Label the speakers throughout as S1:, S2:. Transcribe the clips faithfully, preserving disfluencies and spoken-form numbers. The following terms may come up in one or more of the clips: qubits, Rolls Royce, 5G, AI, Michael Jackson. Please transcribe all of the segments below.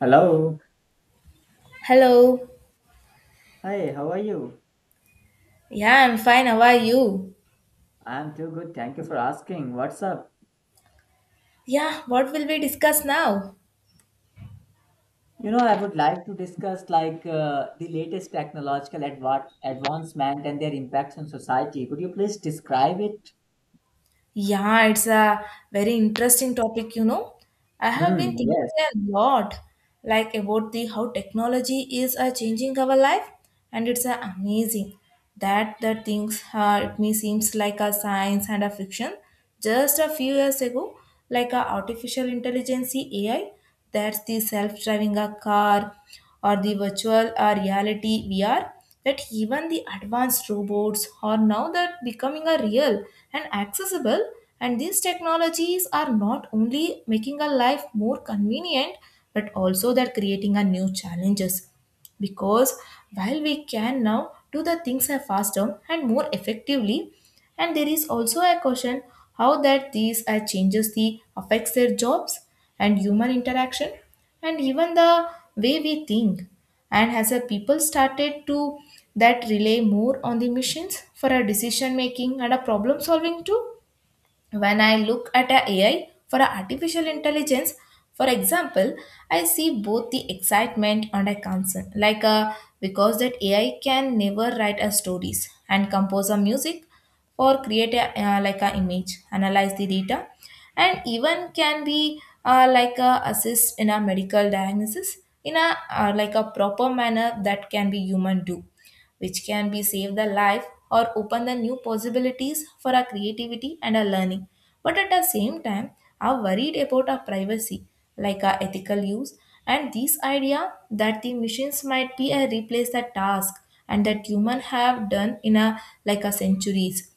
S1: Hello.
S2: Hello.
S1: Hi, how are you?
S2: Yeah, I'm fine. How are you?
S1: I'm too good. Thank you for asking. What's up?
S2: Yeah, what will we discuss now?
S1: You know, I would like to discuss like uh, the latest technological adva- advancement and their impacts on society. Could you please describe it?
S2: Yeah, it's a very interesting topic, you know. I have been
S1: Hmm,
S2: thinking
S1: yes.
S2: a lot like about the how technology is uh, changing our life, and it's uh, amazing that the things uh, it may seems like a science and a fiction just a few years ago, like a artificial intelligence A I, that's the self-driving a car or the virtual or reality V R, that even the advanced robots are now that becoming a real and accessible. And these technologies are not only making our life more convenient, but also they're creating a new challenges, because while we can now do the things are faster and more effectively, and there is also a question how that these uh, changes the affects their jobs and human interaction and even the way we think, and as a people started to that rely more on the machines for a decision making and a problem solving too. When I look at a AI for a artificial intelligence, for example, I see both the excitement and a concern, like a, because that AI can never write a stories and compose a music or create a uh, like a image, analyze the data, and even can be uh, like a assist in a medical diagnosis in a uh, like a proper manner that can be human do, which can be save the life or open the new possibilities for our creativity and our learning. But at the same time, are worried about our privacy, like our ethical use, and this idea that the machines might be a replace the task and that human have done in a like a centuries,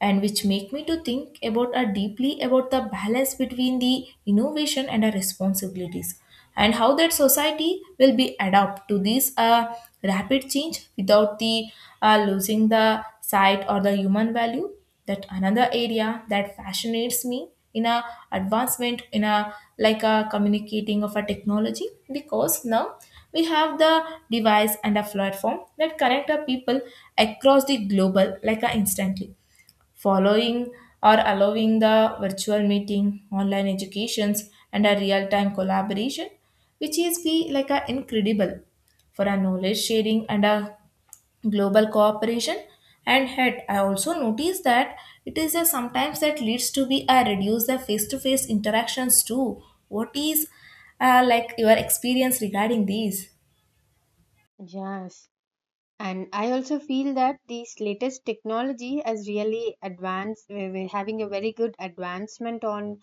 S2: and which make me to think about a deeply about the balance between the innovation and our responsibilities, and how that society will be adapt to this uh, rapid change without the uh, losing the sight or the human value. That another area that fascinates me in a advancement in a like a communicating of a technology, because now we have the device and a platform that connect our people across the global like a instantly, following or allowing the virtual meeting, online educations, and a real-time collaboration, which is be like a incredible for a knowledge sharing and a global cooperation. And head I also noticed that it is a sometimes that leads to be a reduce the face-to-face interactions too. What is uh, like your experience regarding these?
S3: Yes, and I also feel that this latest technology has really advanced. we- We're having a very good advancement on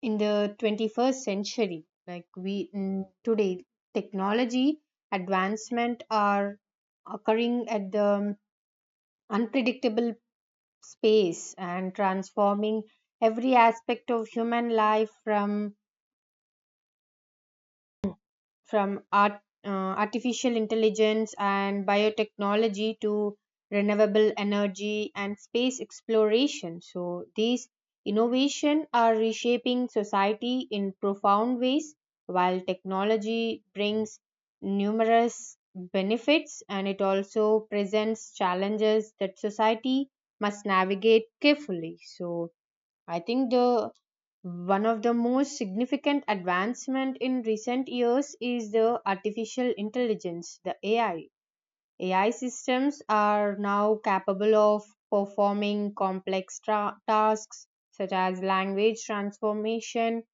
S3: in the twenty-first century. Like we mm, today, technology advancement are occurring at the um, unpredictable space and transforming every aspect of human life from from art, uh, artificial intelligence and biotechnology to renewable energy and space exploration. So these innovation are reshaping society in profound ways while technology brings numerous benefits and it also presents challenges that society must navigate carefully. So I think the one of the most significant advancement in recent years is the artificial intelligence, the A I. A I systems are now capable of performing complex tra- tasks such as language transformation,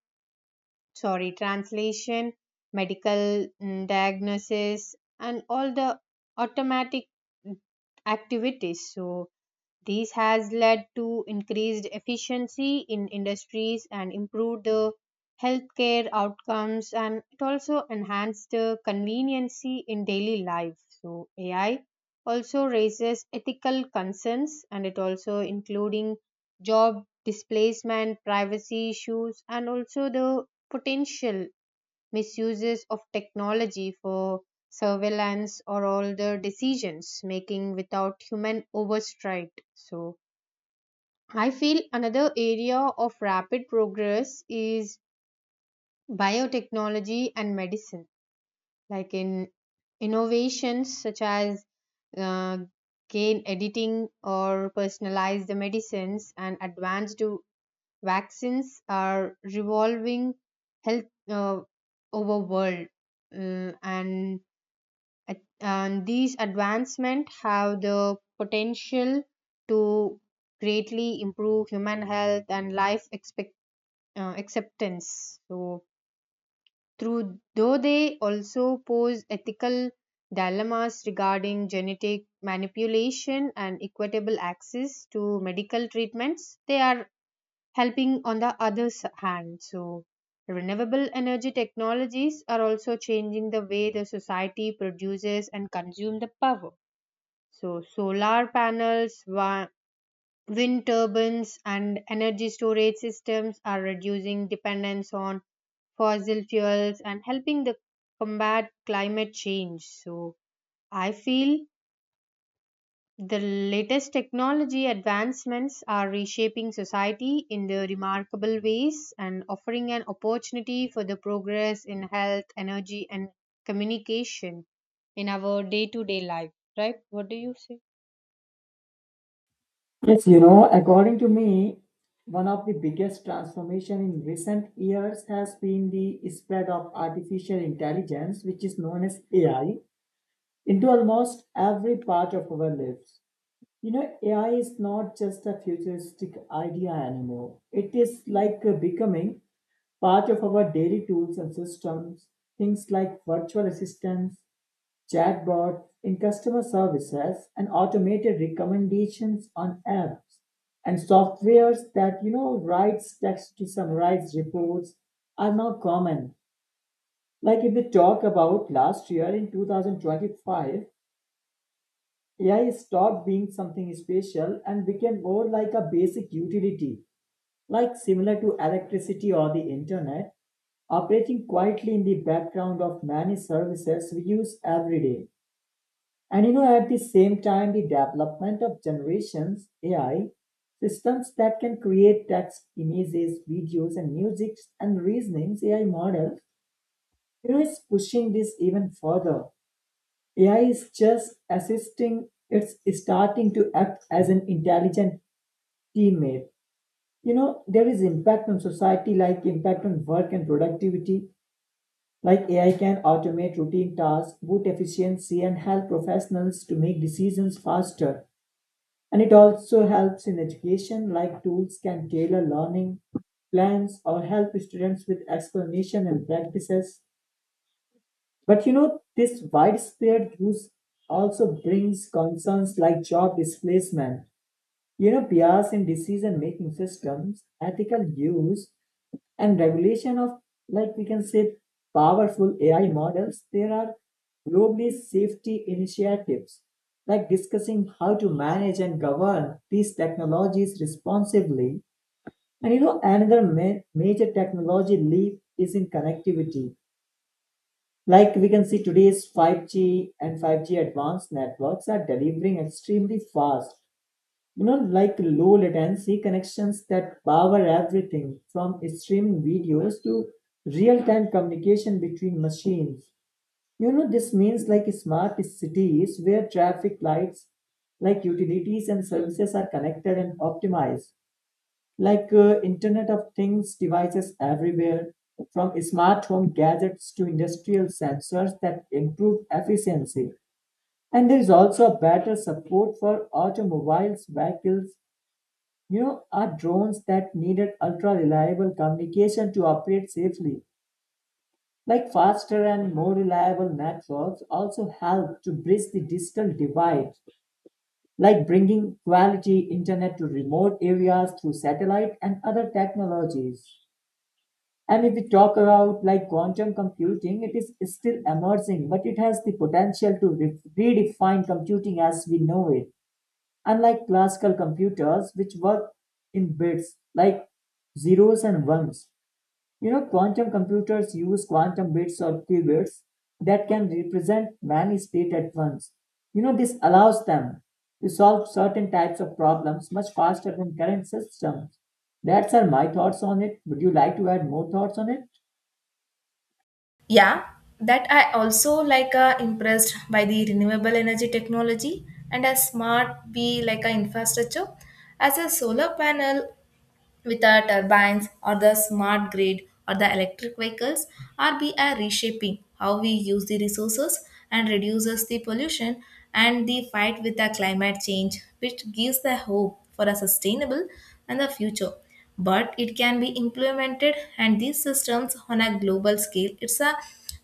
S3: sorry, translation, medical mm, diagnosis, and all the automatic activities. So this has led to increased efficiency in industries and improved the healthcare outcomes, and it also enhanced the conveniency in daily life. So A I also raises ethical concerns and it also including job displacement, privacy issues, and also the potential misuses of technology for surveillance or all the decisions making without human oversight. So I feel another area of rapid progress is biotechnology and medicine, like in innovations such as uh, gain editing or personalized medicines and advanced vaccines are revolving health uh, over world uh, and and these advancements have the potential to greatly improve human health and life expect, uh, acceptance, so through though they also pose ethical dilemmas regarding genetic manipulation and equitable access to medical treatments. They are helping on the other hand. So renewable energy technologies are also changing the way the society produces and consumes the power. So, solar panels, wa- wind turbines, and energy storage systems are reducing dependence on fossil fuels and helping the combat climate change. So, I feel the latest technology advancements are reshaping society in the remarkable ways and offering an opportunity for the progress in health, energy, and communication in our day to day life. Right? What do you say?
S1: Yes, you know, according to me, one of the biggest transformation in recent years has been the spread of artificial intelligence, which is known as A I, into almost every part of our lives. You know, A I is not just a futuristic idea anymore. It is like uh, becoming part of our daily tools and systems. Things like virtual assistants, chatbots in customer services, and automated recommendations on apps and softwares that you know writes text to summarize reports are now common. Like if we talk about last year in two thousand twenty-five, A I stopped being something special and became more like a basic utility, like similar to electricity or the internet, operating quietly in the background of many services we use every day. And you know, at the same time, the development of generations A I systems that can create text, images, videos, and music and reasonings A I models, you know, is pushing this even further. A I is just assisting, it's starting to act as an intelligent teammate. You know, there is impact on society, like impact on work and productivity. Like A I can automate routine tasks, boost efficiency, and help professionals to make decisions faster. And it also helps in education, like tools can tailor learning plans or help students with explanation and practices. But you know, this widespread use also brings concerns like job displacement, you know, bias in decision making systems, ethical use, and regulation of, like we can say, powerful A I models. There are globally safety initiatives, like discussing how to manage and govern these technologies responsibly. And you know, another ma- major technology leap is in connectivity, like we can see today's five G and five G advanced networks are delivering extremely fast, you know, like low latency connections that power everything from streaming videos to real-time communication between machines. You know, this means like smart cities where traffic lights, like utilities and services are connected and optimized, like uh, internet of things devices everywhere from smart home gadgets to industrial sensors that improve efficiency. And there is also a better support for automobiles vehicles, you know, are drones that needed ultra reliable communication to operate safely, like faster and more reliable networks also help to bridge the digital divide, like bringing quality internet to remote areas through satellite and other technologies. And if we talk about like quantum computing, it is still emerging, but it has the potential to re- redefine computing as we know it. Unlike classical computers, which work in bits like zeros and ones, you know, quantum computers use quantum bits or qubits that can represent many states at once. You know, this allows them to solve certain types of problems much faster than current systems. That's are my thoughts on it. Would you like to add more thoughts on it?
S2: Yeah, that I also like uh, impressed by the renewable energy technology and a smart be like a infrastructure as a solar panel with our turbines or the smart grid or the electric vehicles, are be a reshaping how we use the resources and reduces the pollution and the fight with the climate change, which gives the hope for a sustainable and the future. But it can be implemented, and these systems on a global scale it's a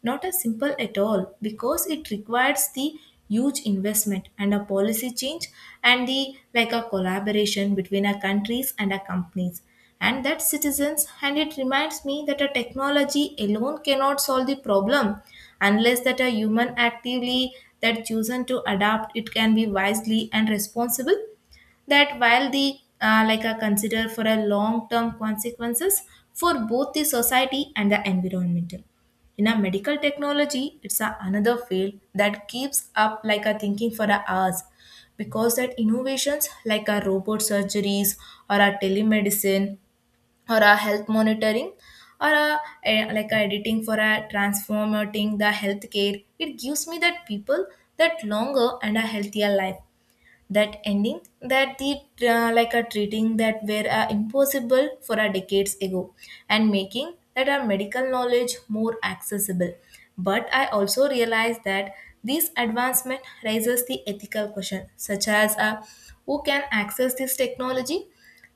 S2: not as simple at all, because it requires the huge investment and a policy change and the like a collaboration between our countries and our companies and that citizens. And it reminds me that a technology alone cannot solve the problem unless that a human actively that chosen to adapt it can be wisely and responsible, that while the uh, like a consider for a long term consequences for both the society and the environmental. In a medical technology, it's a another field that keeps up like a thinking for a hours, because that innovations like a robot surgeries or a telemedicine or a health monitoring or a, eh, like a editing for a transforming the healthcare, it gives me that people that longer and a healthier life, that ending that the uh, like a treating that were uh, impossible for a decades ago, and making that our medical knowledge more accessible. But I also realize that this advancement raises the ethical question, such as uh, who can access this technology,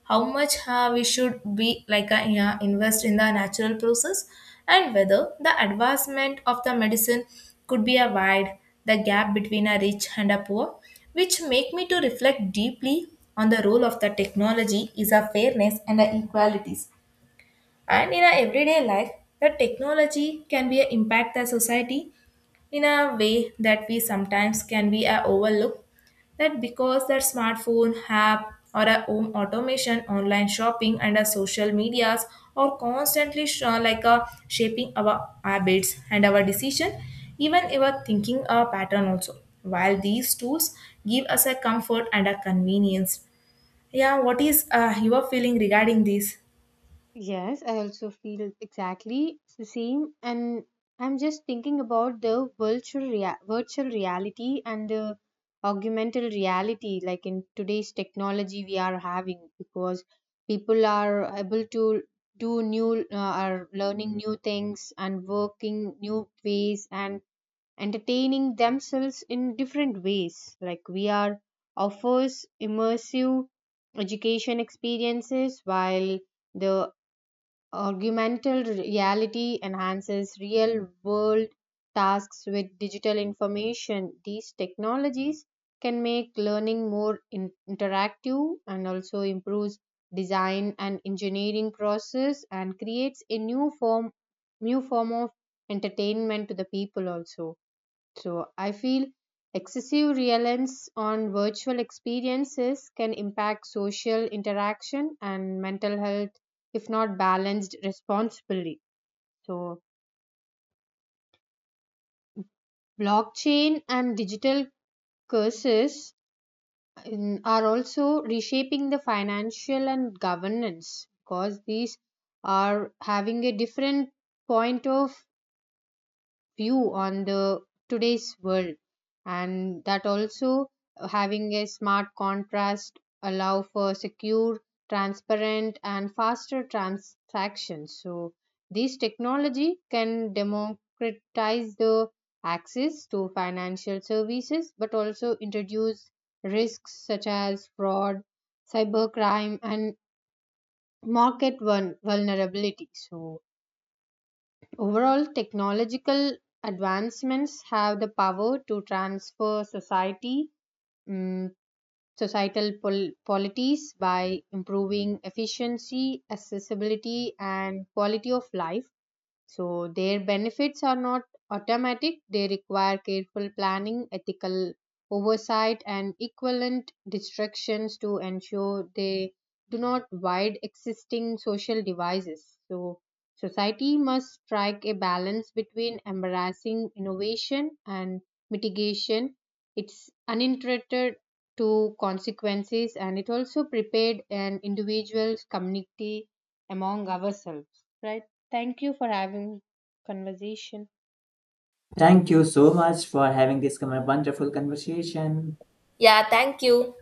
S2: how much uh, we should be like uh, yeah, invest in the natural process, and whether the advancement of the medicine could be a wide the gap between a rich and a poor, which make me to reflect deeply on the role of the technology is a fairness and the equalities. And in our everyday life, the technology can be a impact the society in a way that we sometimes can be uh, overlooked, that because that smartphone app or a home automation, online shopping, and our social medias are constantly sh- uh, like uh, shaping our habits and our decision, even our thinking uh, pattern also. While these tools give us a comfort and a convenience, yeah, what is uh, your feeling regarding this?
S3: Yes, I also feel exactly the same, and I'm just thinking about the virtual rea- virtual reality and the augmented reality, like in today's technology we are having, because people are able to do new, uh, are learning new things and working new ways and entertaining themselves in different ways. Like we are offers immersive education experiences while the augmented reality enhances real world tasks with digital information. These technologies can make learning more in- interactive and also improves design and engineering process and creates a new form new form of entertainment to the people also. So I feel excessive reliance on virtual experiences can impact social interaction and mental health if not balanced responsibly. So blockchain and digital curses in- are also reshaping the financial and governance, because these are having a different point of view on the today's world, and that also having a smart contrast allow for secure, transparent, and faster transactions. So this technology can democratize the access to financial services but also introduce risks such as fraud, cybercrime, and market vul- vulnerability. So overall, technological advancements have the power to transfer society, mm, societal pol- polities by improving efficiency, accessibility, and quality of life. So their benefits are not automatic, they require careful planning, ethical oversight, and equivalent distractions to ensure they do not wide existing social devices. So society must strike a balance between embracing innovation and mitigation. It's uninterested to consequences, and it also prepared an individual's community among ourselves, right? Thank you for having conversation.
S1: Thank you so much for having this com- wonderful conversation.
S2: Yeah, thank you.